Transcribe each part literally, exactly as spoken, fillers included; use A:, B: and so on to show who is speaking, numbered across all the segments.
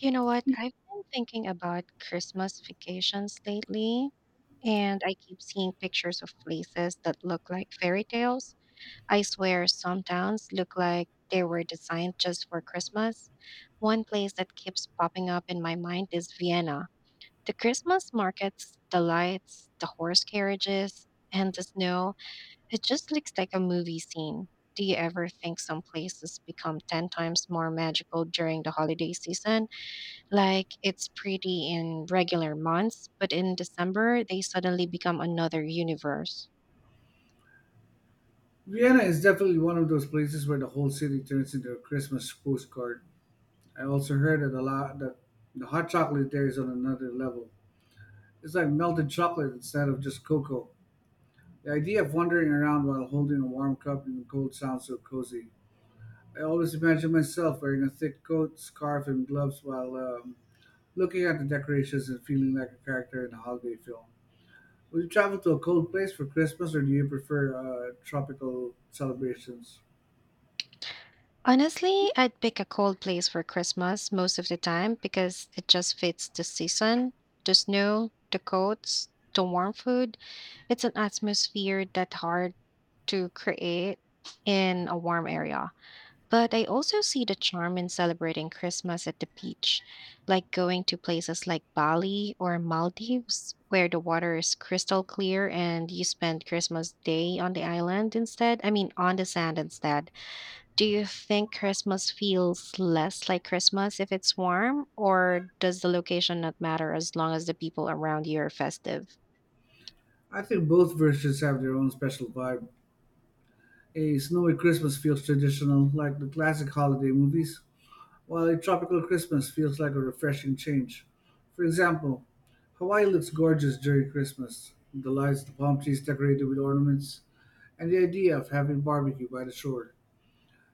A: You know what? I've been thinking about Christmas vacations lately, and I keep seeing pictures of places that look like fairy tales. I swear some towns look like they were designed just for Christmas. One place that keeps popping up in my mind is Vienna. The Christmas markets, the lights, the horse carriages, and the snow, it just looks like a movie scene. Do you ever think some places become ten times more magical during the holiday season? Like it's pretty in regular months, but in December, they suddenly become another universe.
B: Vienna is definitely one of those places where the whole city turns into a Christmas postcard. I also heard that a lot that the hot chocolate there is on another level. It's like melted chocolate instead of just cocoa. The idea of wandering around while holding a warm cup in the cold sounds so cozy. I always imagine myself wearing a thick coat, scarf, and gloves while um, looking at the decorations and feeling like a character in a holiday film. Would you travel to a cold place for Christmas, or do you prefer uh, tropical celebrations?
A: Honestly, I'd pick a cold place for Christmas most of the time because it just fits the season, the snow, the coats, the warm food. It's an atmosphere that's hard to create in a warm area. But I also see the charm in celebrating Christmas at the beach, like going to places like Bali or Maldives, where the water is crystal clear and you spend Christmas Day on the island instead. I mean, on the sand instead. Do you think Christmas feels less like Christmas if it's warm, or does the location not matter as long as the people around you are festive?
B: I think both versions have their own special vibe. A snowy Christmas feels traditional, like the classic holiday movies, while a tropical Christmas feels like a refreshing change. For example, Hawaii looks gorgeous during Christmas. The lights, the palm trees decorated with ornaments, and the idea of having barbecue by the shore.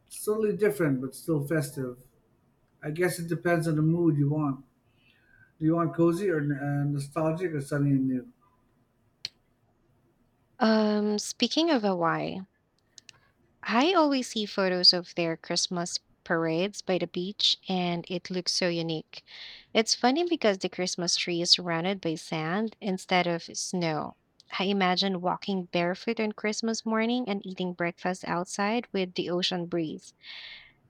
B: It's totally different, but still festive. I guess it depends on the mood you want. Do you want cozy or uh, nostalgic or sunny and new?
A: Um, speaking of Hawaii, I always see photos of their Christmas parades by the beach, and it looks so unique. It's funny because the Christmas tree is surrounded by sand instead of snow. I imagine walking barefoot on Christmas morning and eating breakfast outside with the ocean breeze.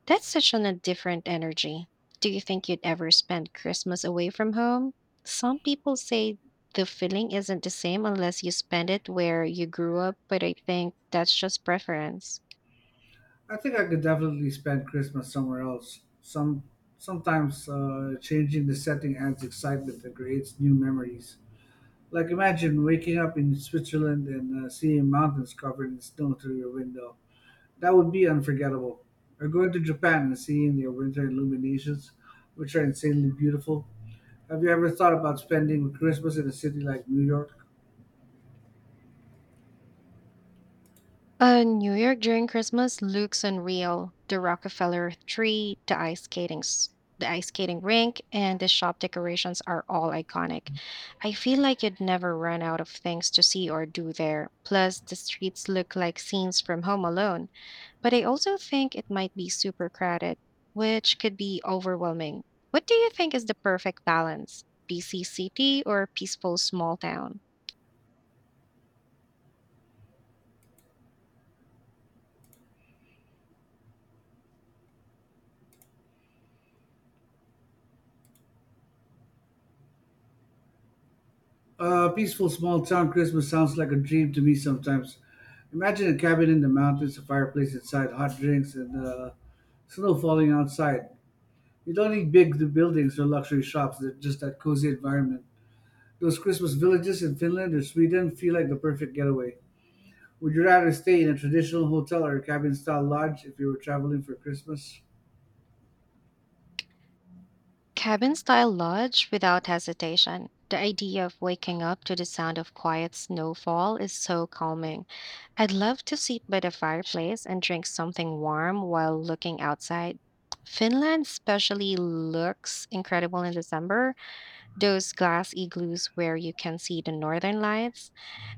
A: That's such an, a different energy. Do you think you'd ever spend Christmas away from home? Some people say the feeling isn't the same unless you spend it where you grew up, but I think that's just preference.
B: I think I could definitely spend Christmas somewhere else. Some sometimes uh, changing the setting adds excitement and creates new memories. Like imagine waking up in Switzerland and uh, seeing mountains covered in snow through your window. That would be unforgettable. Or going to Japan and seeing their winter illuminations, which are insanely beautiful. Have you ever thought about spending Christmas in a city like New York?
A: Uh, New York during Christmas looks unreal. The Rockefeller tree, the ice skating, s- the ice skating rink, and the shop decorations are all iconic. I feel like you'd never run out of things to see or do there. Plus, the streets look like scenes from Home Alone. But I also think it might be super crowded, which could be overwhelming. What do you think is the perfect balance? Busy city or peaceful small town?
B: A peaceful small town Christmas sounds like a dream to me sometimes. Imagine a cabin in the mountains, a fireplace inside, hot drinks, and uh, snow falling outside. You don't need big buildings or luxury shops, they're just that cozy environment. Those Christmas villages in Finland or Sweden feel like the perfect getaway. Would you rather stay in a traditional hotel or a cabin style lodge if you were traveling for Christmas?
A: Cabin style lodge without hesitation. The idea of waking up to the sound of quiet snowfall is so calming. I'd love to sit by the fireplace and drink something warm while looking outside. Finland especially looks incredible in December. Those glass igloos where you can see the northern lights.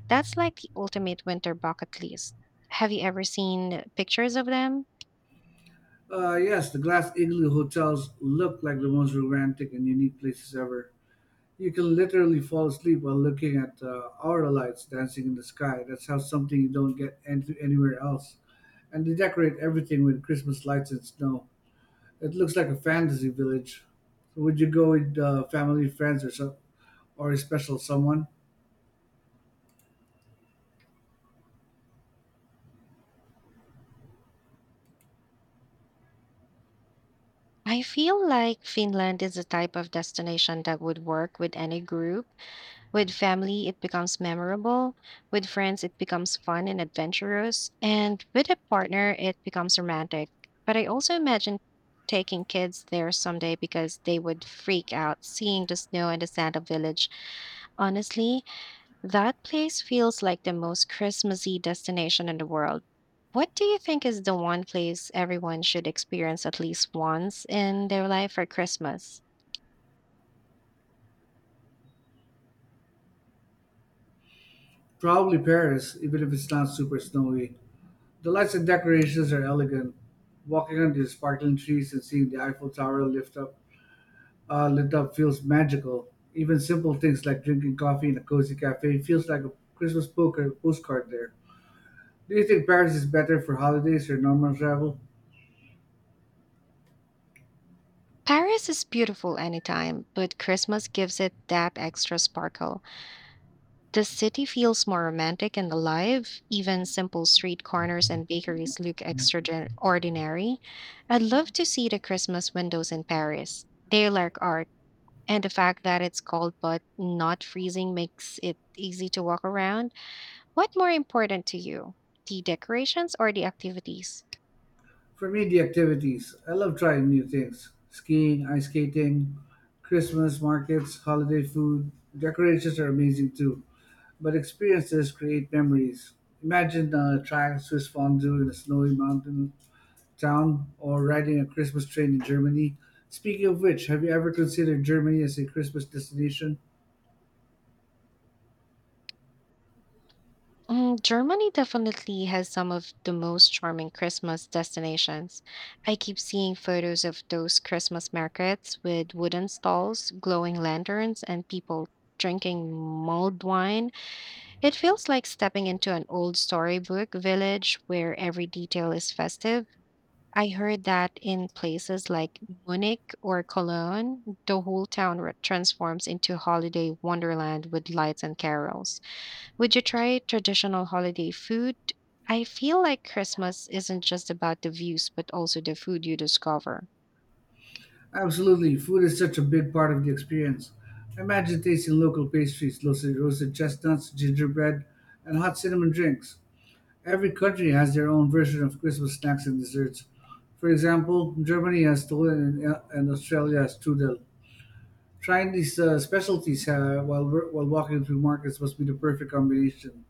A: That's like the ultimate winter bucket list. Have you ever seen pictures of them?
B: Uh, yes, the glass igloo hotels look like the most romantic and unique places ever. You can literally fall asleep while looking at uh, aura lights dancing in the sky. That's how something you don't get any- anywhere else. And they decorate everything with Christmas lights and snow. It looks like a fantasy village. So would you go with uh, family, friends, or so, or a special someone?
A: I feel like Finland is the type of destination that would work with any group. With family, it becomes memorable. With friends, it becomes fun and adventurous. And with a partner, it becomes romantic. But I also imagine taking kids there someday because they would freak out seeing the snow and the Santa village. Honestly, that place feels like the most Christmassy destination in the world. What do you think is the one place everyone should experience at least once in their life for Christmas?
B: Probably Paris, even if it's not super snowy. The lights and decorations are elegant. Walking under the sparkling trees and seeing the Eiffel Tower lift up, uh, lit up feels magical. Even simple things like drinking coffee in a cozy cafe feels like a Christmas poker postcard there. Do you think Paris is better for holidays or normal travel?
A: Paris is beautiful anytime, but Christmas gives it that extra sparkle. The city feels more romantic and alive. Even simple street corners and bakeries look extraordinary. I'd love to see the Christmas windows in Paris. They lack art, and the fact that it's cold but not freezing makes it easy to walk around. What more important to you, the decorations or the activities?
B: For me, the activities. I love trying new things skiing, ice skating, Christmas markets, holiday food. Decorations are amazing too, but experiences create memories. Imagine uh, trying Swiss fondue in a snowy mountain town or riding a Christmas train in Germany. Speaking of which, have you ever considered Germany as a Christmas destination?
A: Mm, Germany definitely has some of the most charming Christmas destinations. I keep seeing photos of those Christmas markets with wooden stalls, glowing lanterns, and people drinking mulled wine. It feels like stepping into an old storybook village where every detail is festive. I heard that in places like Munich or Cologne, the whole town re- transforms into holiday wonderland with lights and carols. Would you try traditional holiday food? I feel like Christmas isn't just about the views, but also the food you discover.
B: Absolutely, food is such a big part of the experience. Imagine tasting local pastries, roasted roasted chestnuts, gingerbread, and hot cinnamon drinks. Every country has their own version of Christmas snacks and desserts. For example, Germany has Tollen and, and Australia has Trudel. Trying these uh, specialties uh, while wor- while walking through markets must be the perfect combination.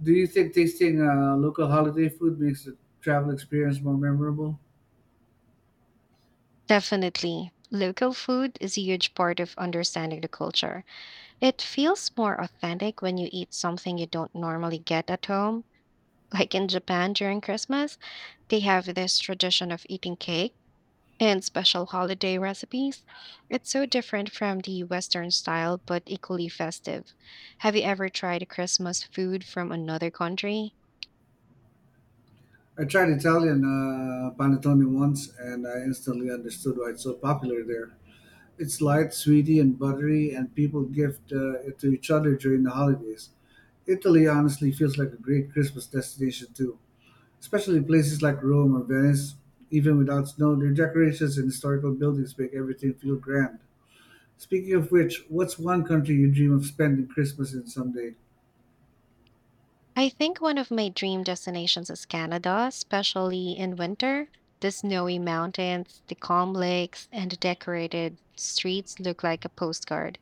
B: Do you think tasting uh, local holiday food makes the travel experience more memorable?
A: Definitely. Local food is a huge part of understanding the culture. It feels more authentic when you eat something you don't normally get at home. Like in Japan during Christmas, they have this tradition of eating cake and special holiday recipes. It's so different from the Western style, but equally festive. Have you ever tried Christmas food from another country?
B: I tried Italian uh, panettone once, and I instantly understood why it's so popular there. It's light, sweety, and buttery, and people gift uh, it to each other during the holidays. Italy honestly feels like a great Christmas destination, too, especially places like Rome or Venice. Even without snow, their decorations and historical buildings make everything feel grand. Speaking of which, what's one country you dream of spending Christmas in someday?
A: I think one of my dream destinations is Canada, especially in winter. The snowy mountains, the calm lakes, and the decorated streets look like a postcard.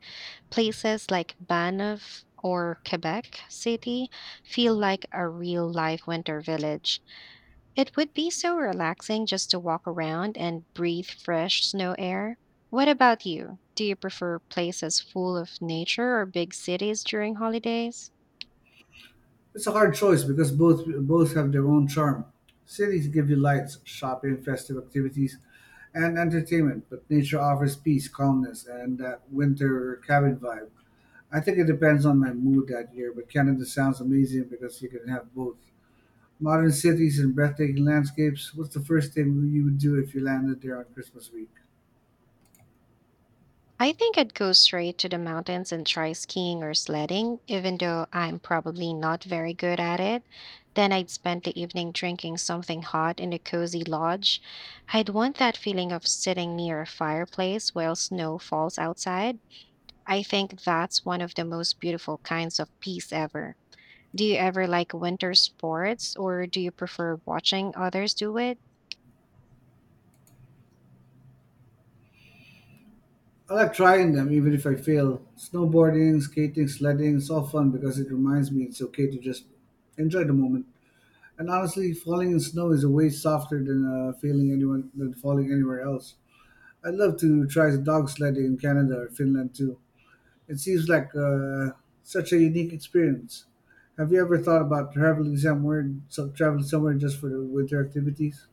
A: Places like Banff or Quebec City feel like a real life winter village. It would be so relaxing just to walk around and breathe fresh snow air. What about you? Do you prefer places full of nature or big cities during holidays?
B: It's a hard choice because both both have their own charm. Cities give you lights, shopping, festive activities, and entertainment, but nature offers peace, calmness, and that winter cabin vibe. I think it depends on my mood that year, but Canada sounds amazing because you can have both. Modern cities and breathtaking landscapes. What's the first thing you would do if you landed there on Christmas week?
A: I think I'd go straight to the mountains and try skiing or sledding, even though I'm probably not very good at it. Then I'd spend the evening drinking something hot in a cozy lodge. I'd want that feeling of sitting near a fireplace while snow falls outside. I think that's one of the most beautiful kinds of peace ever. Do you ever like winter sports or do you prefer watching others do it?
B: I like trying them, even if I fail. Snowboarding, skating, sledding, it's all fun because it reminds me it's okay to just enjoy the moment. And honestly, falling in snow is a way softer than uh, feeling anyone than falling anywhere else. I'd love to try dog sledding in Canada or Finland too. It seems like uh, such a unique experience. Have you ever thought about traveling somewhere, so traveling somewhere just for the winter activities?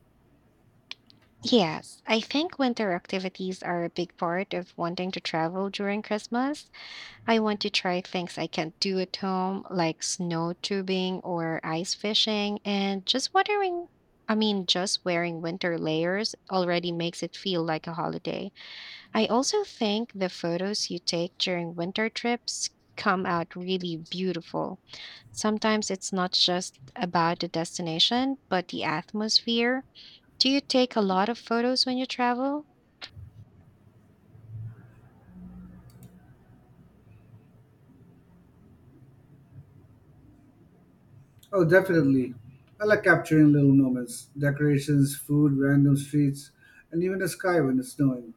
A: Yes, I think winter activities are a big part of wanting to travel during Christmas. I want to try things I can't do at home, like snow tubing or ice fishing, and just wondering, I mean, just wearing winter layers already makes it feel like a holiday. I also think the photos you take during winter trips come out really beautiful. Sometimes it's not just about the destination, but the atmosphere. Do you take a lot of photos when you travel?
B: Oh, definitely. I like capturing little moments, decorations, food, random streets, and even the sky when it's snowing.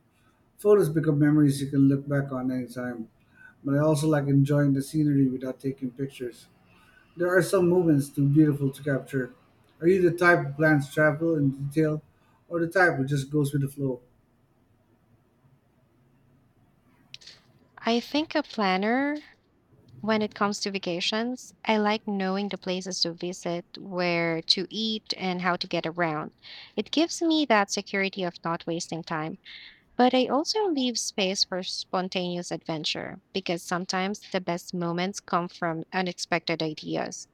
B: Photos become memories you can look back on anytime. But I also like enjoying the scenery without taking pictures. There are some moments too beautiful to capture. Are you the type who plans travel in detail, or the type who just goes with the flow?
A: I think a planner when it comes to vacations. I like knowing the places to visit, where to eat, and how to get around. It gives me that security of not wasting time. But I also leave space for spontaneous adventure because sometimes the best moments come from unexpected ideas.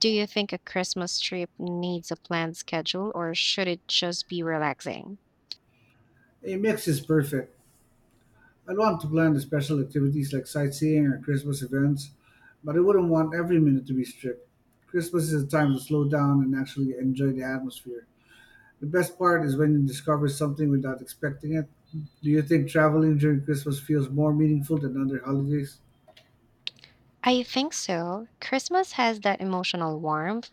A: Do you think a Christmas trip needs a planned schedule or should it just be relaxing?
B: A mix is perfect. I'd want to plan the special activities like sightseeing or Christmas events, but I wouldn't want every minute to be strict. Christmas is a time to slow down and actually enjoy the atmosphere. The best part is when you discover something without expecting it. Do you think traveling during Christmas feels more meaningful than other holidays?
A: I think so. Christmas has that emotional warmth.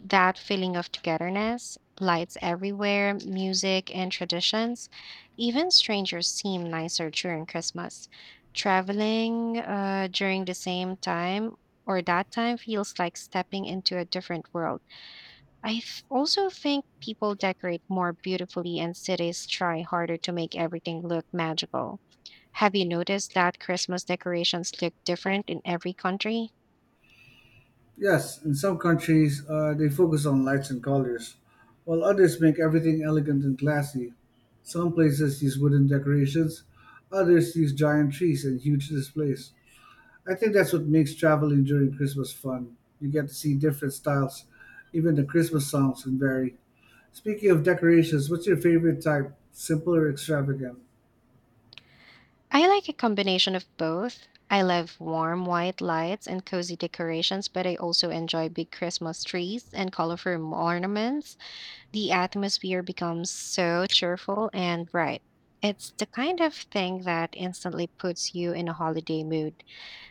A: That feeling of togetherness, lights everywhere, music, and traditions. Even strangers seem nicer during Christmas. Traveling uh, during the same time or that time feels like stepping into a different world. I f- also think people decorate more beautifully and cities try harder to make everything look magical. Have you noticed that Christmas decorations look different in every country?
B: Yes, in some countries, uh, they focus on lights and colors, while others make everything elegant and classy. Some places use wooden decorations, others use giant trees and huge displays. I think that's what makes traveling during Christmas fun. You get to see different styles, even the Christmas songs can vary. Speaking of decorations, what's your favorite type? Simple or extravagant?
A: I like a combination of both. I love warm white lights and cozy decorations, but I also enjoy big Christmas trees and colorful ornaments. The atmosphere becomes so cheerful and bright. It's the kind of thing that instantly puts you in a holiday mood.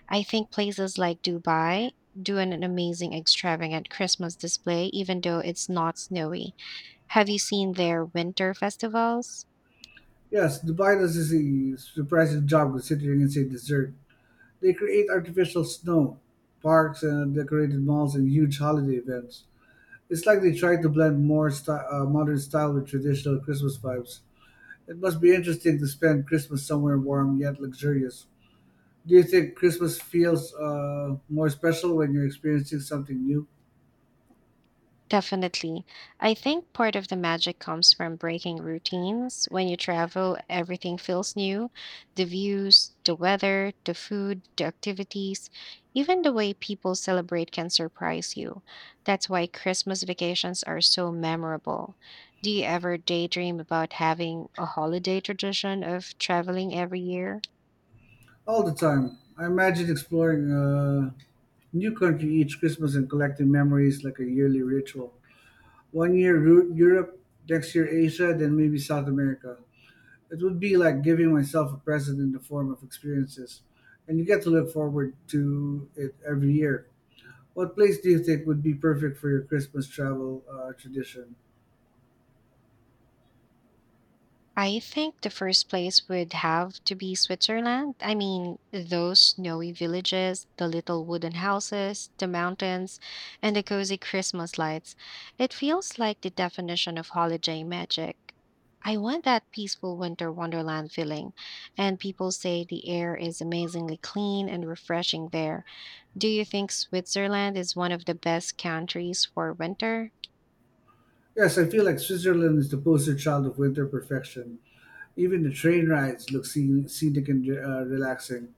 A: I think places like Dubai do an amazing extravagant Christmas display, even though it's not snowy. Have you seen their winter festivals?
B: Yes, Dubai does a surprising job considering it's a dessert. They create artificial snow, parks, and decorated malls and huge holiday events. It's like they try to blend more sty- uh, modern style with traditional Christmas vibes. It must be interesting to spend Christmas somewhere warm yet luxurious. Do you think Christmas feels uh, more special when you're experiencing something new?
A: Definitely. I think part of the magic comes from breaking routines. When you travel, everything feels new, the views, the weather, the food, the activities, even the way people celebrate can surprise you. That's why Christmas vacations are so memorable. Do you ever daydream about having a holiday tradition of traveling every year?
B: All the time. I imagine exploring a new country each Christmas and collecting memories like a yearly ritual. One year Ru- Europe, next year Asia, then maybe South America. It would be like giving myself a present in the form of experiences, and you get to look forward to it every year. What place do you think would be perfect for your Christmas travel uh, tradition?
A: I think the first place would have to be Switzerland. I mean, those snowy villages, the little wooden houses, the mountains, and the cozy Christmas lights. It feels like the definition of holiday magic. I want that peaceful winter wonderland feeling, and people say the air is amazingly clean and refreshing there. Do you think Switzerland is one of the best countries for winter?
B: Yes, I feel like Switzerland is the poster child of winter perfection. Even the train rides look scen- scenic and uh, relaxing.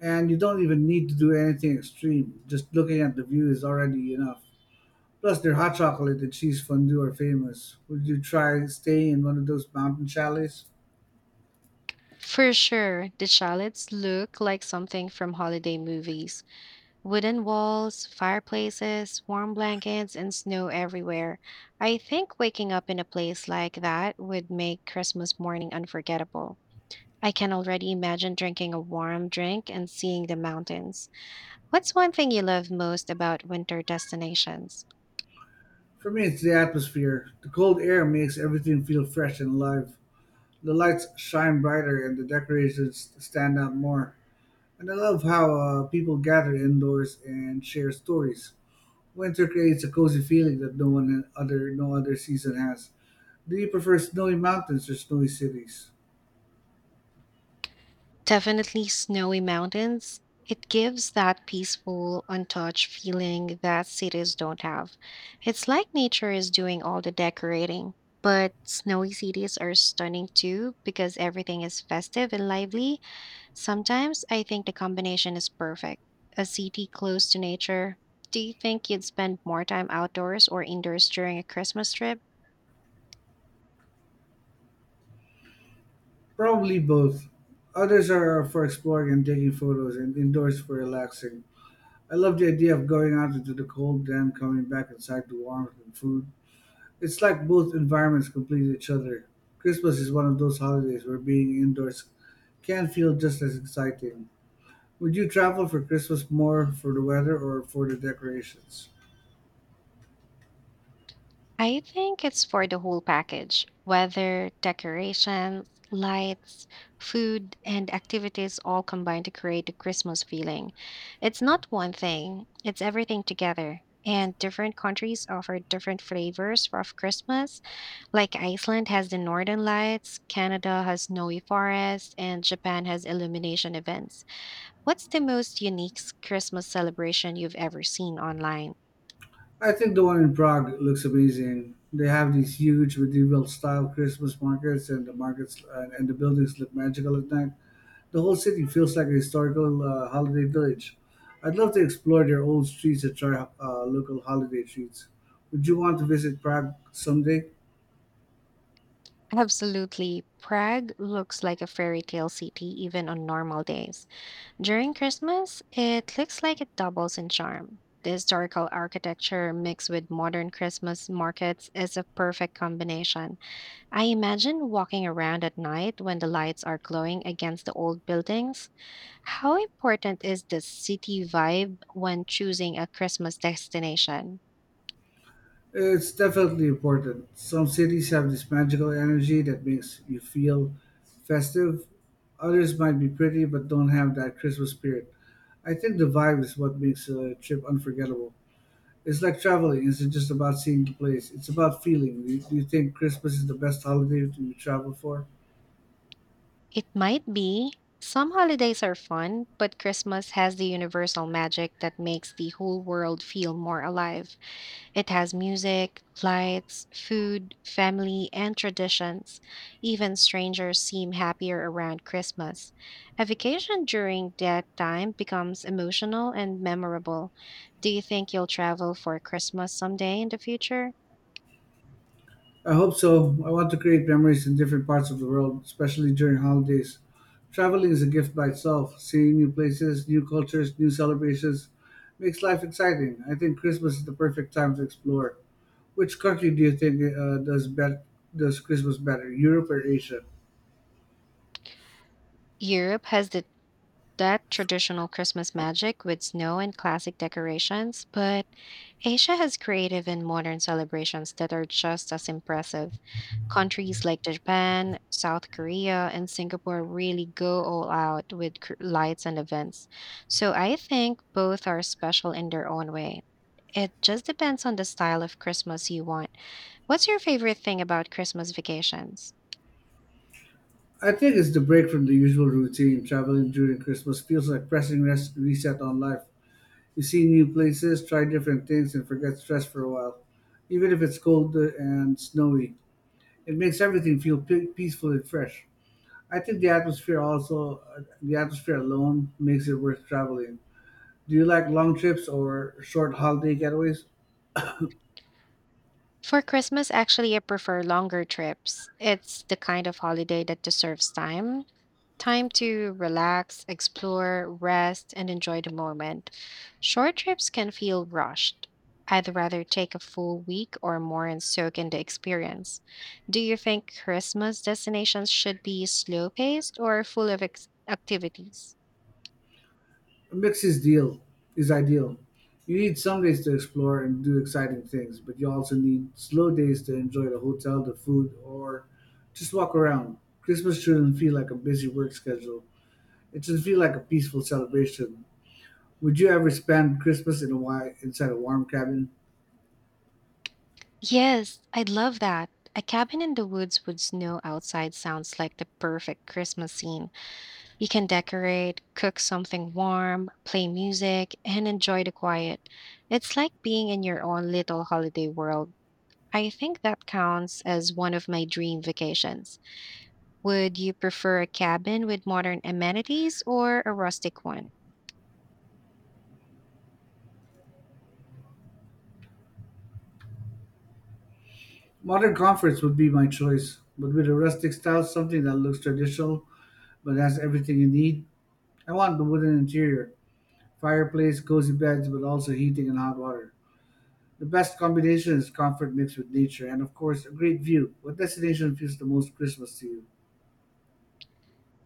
B: And you don't even need to do anything extreme. Just looking at the view is already enough. Plus, their hot chocolate and cheese fondue are famous. Would you try staying in one of those mountain chalets?
A: For sure, the shallots look like something from holiday movies. Wooden walls, fireplaces, warm blankets, and snow everywhere. I think waking up in a place like that would make Christmas morning unforgettable. I can already imagine drinking a warm drink and seeing the mountains. What's one thing you love most about winter destinations?
B: For me, it's the atmosphere. The cold air makes everything feel fresh and alive. The lights shine brighter and the decorations stand out more. And I love how uh, people gather indoors and share stories. Winter creates a cozy feeling that no one other no other season has. Do you prefer snowy mountains or snowy cities?
A: Definitely snowy mountains. It gives that peaceful, untouched feeling that cities don't have. It's like nature is doing all the decorating. But snowy cities are stunning too because everything is festive and lively. Sometimes I think the combination is perfect. A city close to nature. Do you think you'd spend more time outdoors or indoors during a Christmas trip?
B: Probably both. Others are for exploring and taking photos, and indoors for relaxing. I love the idea of going out into the cold, then coming back inside to warmth and food. It's like both environments complete each other. Christmas is one of those holidays where being indoors can feel just as exciting. Would you travel for Christmas more for the weather or for the decorations?
A: I think it's for the whole package, whether decorations, lights, food, and activities all combine to create a Christmas feeling. It's not one thing, it's everything together. And different countries offer different flavors of Christmas. Like Iceland has the northern lights, Canada has snowy forests, and Japan has illumination events. What's the most unique s- Christmas celebration you've ever seen online?
B: I think the one in Prague looks amazing. They have these huge medieval style Christmas markets and the markets and, and the buildings look magical at night. The whole city feels like a historical uh, holiday village. I'd love to explore their old streets and try uh, local holiday treats. Would you want to visit Prague someday?
A: Absolutely. Prague looks like a fairy tale city even on normal days. During Christmas, it looks like it doubles in charm. The historical architecture mixed with modern Christmas markets is a perfect combination. I imagine walking around at night when the lights are glowing against the old buildings. How important is the city vibe when choosing a Christmas destination?
B: It's definitely important. Some cities have this magical energy that makes you feel festive. Others might be pretty but don't have that Christmas spirit. I think the vibe is what makes a trip unforgettable. It's like traveling, it's just about seeing the place, it's about feeling. Do you, do you think Christmas is the best holiday to travel for?
A: It might be. Some holidays are fun, but Christmas has the universal magic that makes the whole world feel more alive. It has music, lights, food, family, and traditions. Even strangers seem happier around Christmas. A vacation during that time becomes emotional and memorable. Do you think you'll travel for Christmas someday in the future?
B: I hope so. I want to create memories in different parts of the world, especially during holidays. Traveling is a gift by itself. Seeing new places, new cultures, new celebrations makes life exciting. I think Christmas is the perfect time to explore. Which country do you think uh, does bet- does Christmas better, Europe or Asia?
A: Europe has the that traditional Christmas magic with snow and classic decorations, but Asia has creative and modern celebrations that are just as impressive. Countries like Japan, South Korea, and Singapore really go all out with cr- lights and events. So I think both are special in their own way. It just depends on the style of Christmas you want. What's your favorite thing about Christmas vacations?
B: I think it's the break from the usual routine. Traveling during Christmas feels like pressing res- reset on life. You see new places, try different things, and forget stress for a while, even if it's cold and snowy. It makes everything feel pe- peaceful and fresh. I think the atmosphere also, the atmosphere alone makes it worth traveling. Do you like long trips or short holiday getaways?
A: For Christmas, actually, I prefer longer trips. It's the kind of holiday that deserves time time to relax, explore, rest, and enjoy the moment. Short trips can feel rushed. I'd rather take a full week or more and soak in the experience. Do you think Christmas destinations should be slow paced or full of ex- activities?
B: A mix is deal is ideal. You need some days to explore and do exciting things, but you also need slow days to enjoy the hotel, the food, or just walk around. Christmas shouldn't feel like a busy work schedule. It should feel like a peaceful celebration. Would you ever spend Christmas in a wi- inside a warm cabin?
A: Yes, I'd love that. A cabin in the woods with snow outside sounds like the perfect Christmas scene. You can decorate, cook something warm, play music, and enjoy the quiet. It's like being in your own little holiday world. I think that counts as one of my dream vacations. Would you prefer a cabin with modern amenities or a rustic one?
B: Modern comforts would be my choice, but with a rustic style, something that looks traditional but has everything you need. I want the wooden interior, fireplace, cozy beds, but also heating and hot water. The best combination is comfort mixed with nature and, of course, a great view. What destination feels the most Christmas to you?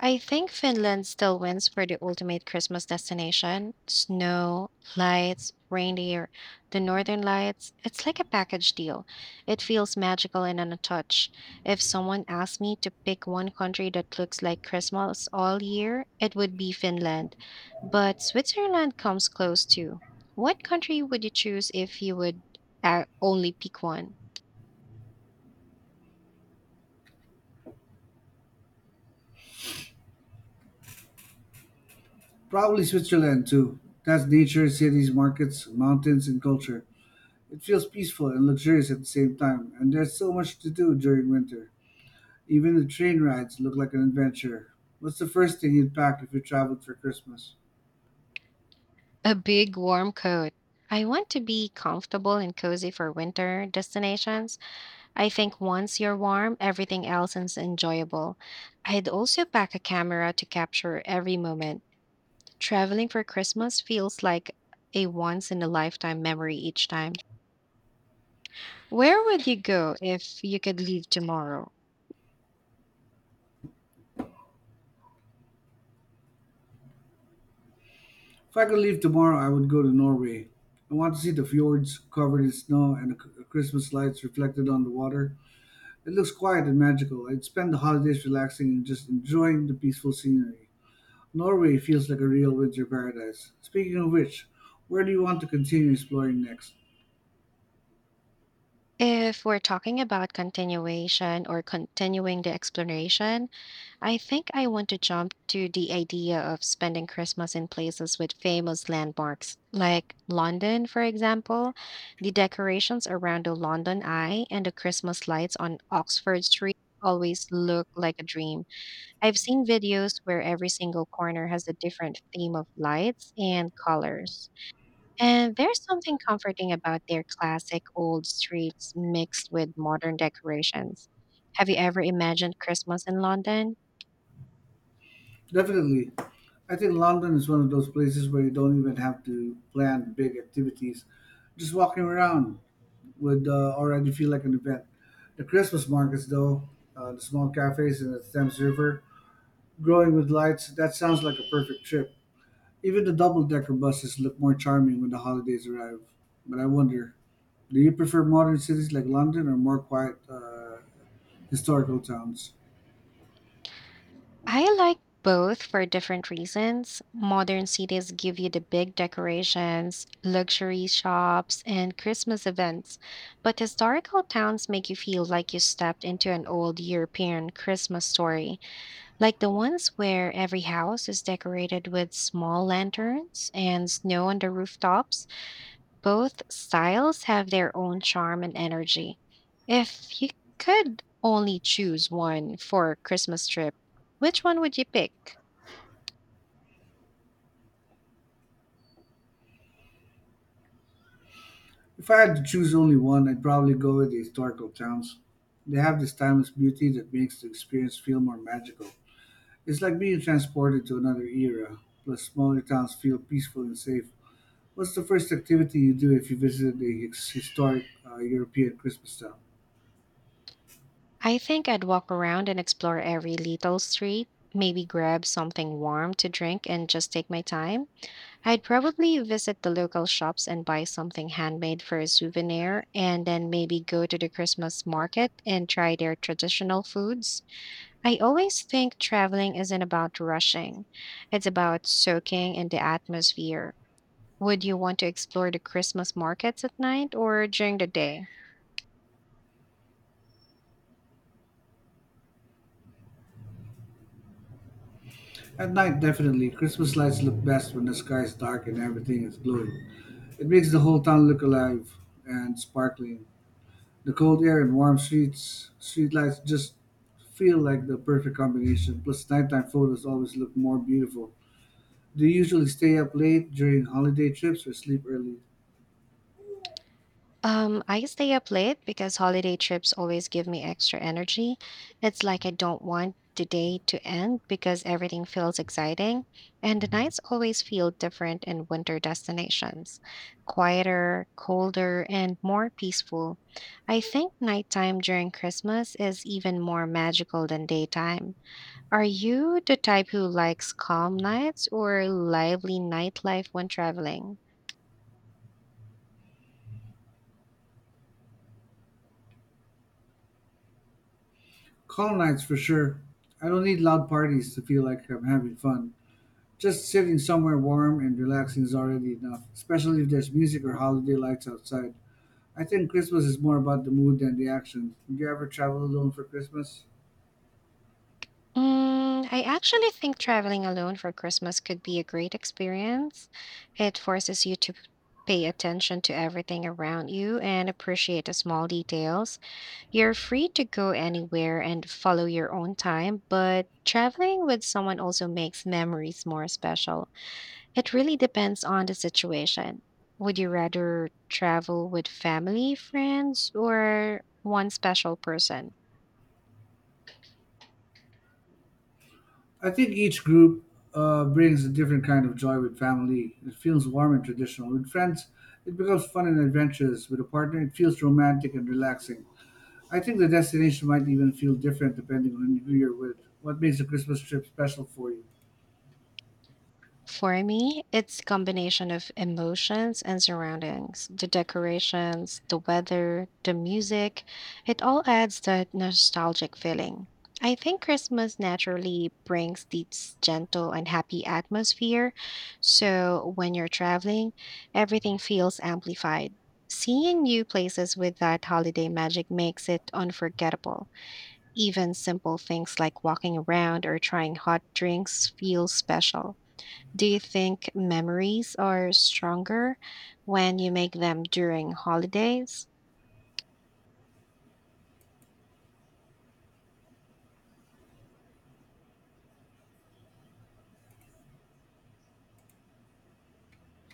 A: I think Finland still wins for the ultimate Christmas destination. Snow, lights, reindeer, the northern lights. It's like a package deal. It feels magical and untouched. If someone asked me to pick one country that looks like Christmas all year, it would be Finland. But Switzerland comes close too. What country would you choose if you would uh, only pick one?
B: Probably Switzerland, too. That's nature, cities, markets, mountains, and culture. It feels peaceful and luxurious at the same time, and there's so much to do during winter. Even the train rides look like an adventure. What's the first thing you'd pack if you traveled for Christmas?
A: A big warm coat. I want to be comfortable and cozy for winter destinations. I think once you're warm, everything else is enjoyable. I'd also pack a camera to capture every moment. Traveling for Christmas feels like a once in a lifetime memory each time. Where would you go if you could leave tomorrow?
B: If I could leave tomorrow, I would go to Norway. I want to see the fjords covered in snow and the c- Christmas lights reflected on the water. It looks quiet and magical. I'd spend the holidays relaxing and just enjoying the peaceful scenery. Norway feels like a real winter paradise. Speaking of which, where do you want to continue exploring next?
A: If we're talking about continuation or continuing the exploration, I think I want to jump to the idea of spending Christmas in places with famous landmarks, like London, for example. The decorations around the London Eye and the Christmas lights on Oxford Street always look like a dream. I've seen videos where every single corner has a different theme of lights and colors. And there's something comforting about their classic old streets mixed with modern decorations. Have you ever imagined Christmas in London?
B: Definitely. I think London is one of those places where you don't even have to plan big activities. Just walking around would uh, already feel like an event. The Christmas markets, though, uh, the small cafes in the Thames River, growing with lights, that sounds like a perfect trip. Even the double decker buses look more charming when the holidays arrive. But I wonder, do you prefer modern cities like London or more quiet uh, historical towns?
A: I like both for different reasons. Modern cities give you the big decorations, luxury shops, and Christmas events, but historical towns make you feel like you stepped into an old European Christmas story, like the ones where every house is decorated with small lanterns and snow on the rooftops. Both styles have their own charm and energy. If you could only choose one for a Christmas trip, which one would you pick?
B: If I had to choose only one, I'd probably go with the historical towns. They have this timeless beauty that makes the experience feel more magical. It's like being transported to another era, plus, smaller towns feel peaceful and safe. What's the first activity you do if you visit a his- historic uh, European Christmas town?
A: I think I'd walk around and explore every little street, maybe grab something warm to drink and just take my time. I'd probably visit the local shops and buy something handmade for a souvenir, and then maybe go to the Christmas market and try their traditional foods. I always think traveling isn't about rushing, it's about soaking in the atmosphere. Would you want to explore the Christmas markets at night or during the day?
B: At night, definitely. Christmas lights look best when the sky is dark and everything is glowing. It makes the whole town look alive and sparkling. The cold air and warm streets, streetlights just feel like the perfect combination. Plus, nighttime photos always look more beautiful. Do you usually stay up late during holiday trips or sleep early?
A: Um, I stay up late because holiday trips always give me extra energy. It's like I don't want the day to end because everything feels exciting, and the nights always feel different in winter destinations, quieter, colder, and more peaceful. I think nighttime during Christmas is even more magical than daytime. Are you the type who likes calm nights or lively nightlife when traveling?
B: Calm nights for sure. I don't need loud parties to feel like I'm having fun. Just sitting somewhere warm and relaxing is already enough, especially if there's music or holiday lights outside. I think Christmas is more about the mood than the action. Did you ever travel alone for Christmas?
A: Mm, I actually think traveling alone for Christmas could be a great experience. It forces you to pay attention to everything around you and appreciate the small details. You're free to go anywhere and follow your own time, but traveling with someone also makes memories more special. It really depends on the situation. Would you rather travel with family, friends, or one special person?
B: I think each group uh, brings a different kind of joy with family. It feels warm and traditional. With friends, it becomes fun and adventurous. With a partner, it feels romantic and relaxing. I think the destination might even feel different depending on who you're with. What makes a Christmas trip special for you?
A: For me, it's combination of emotions and surroundings, the decorations, the weather, the music. It all adds that nostalgic feeling. I think Christmas naturally brings this gentle and happy atmosphere. So when you're traveling, everything feels amplified. Seeing new places with that holiday magic makes it unforgettable. Even simple things like walking around or trying hot drinks feel special. Do you think memories are stronger when you make them during holidays?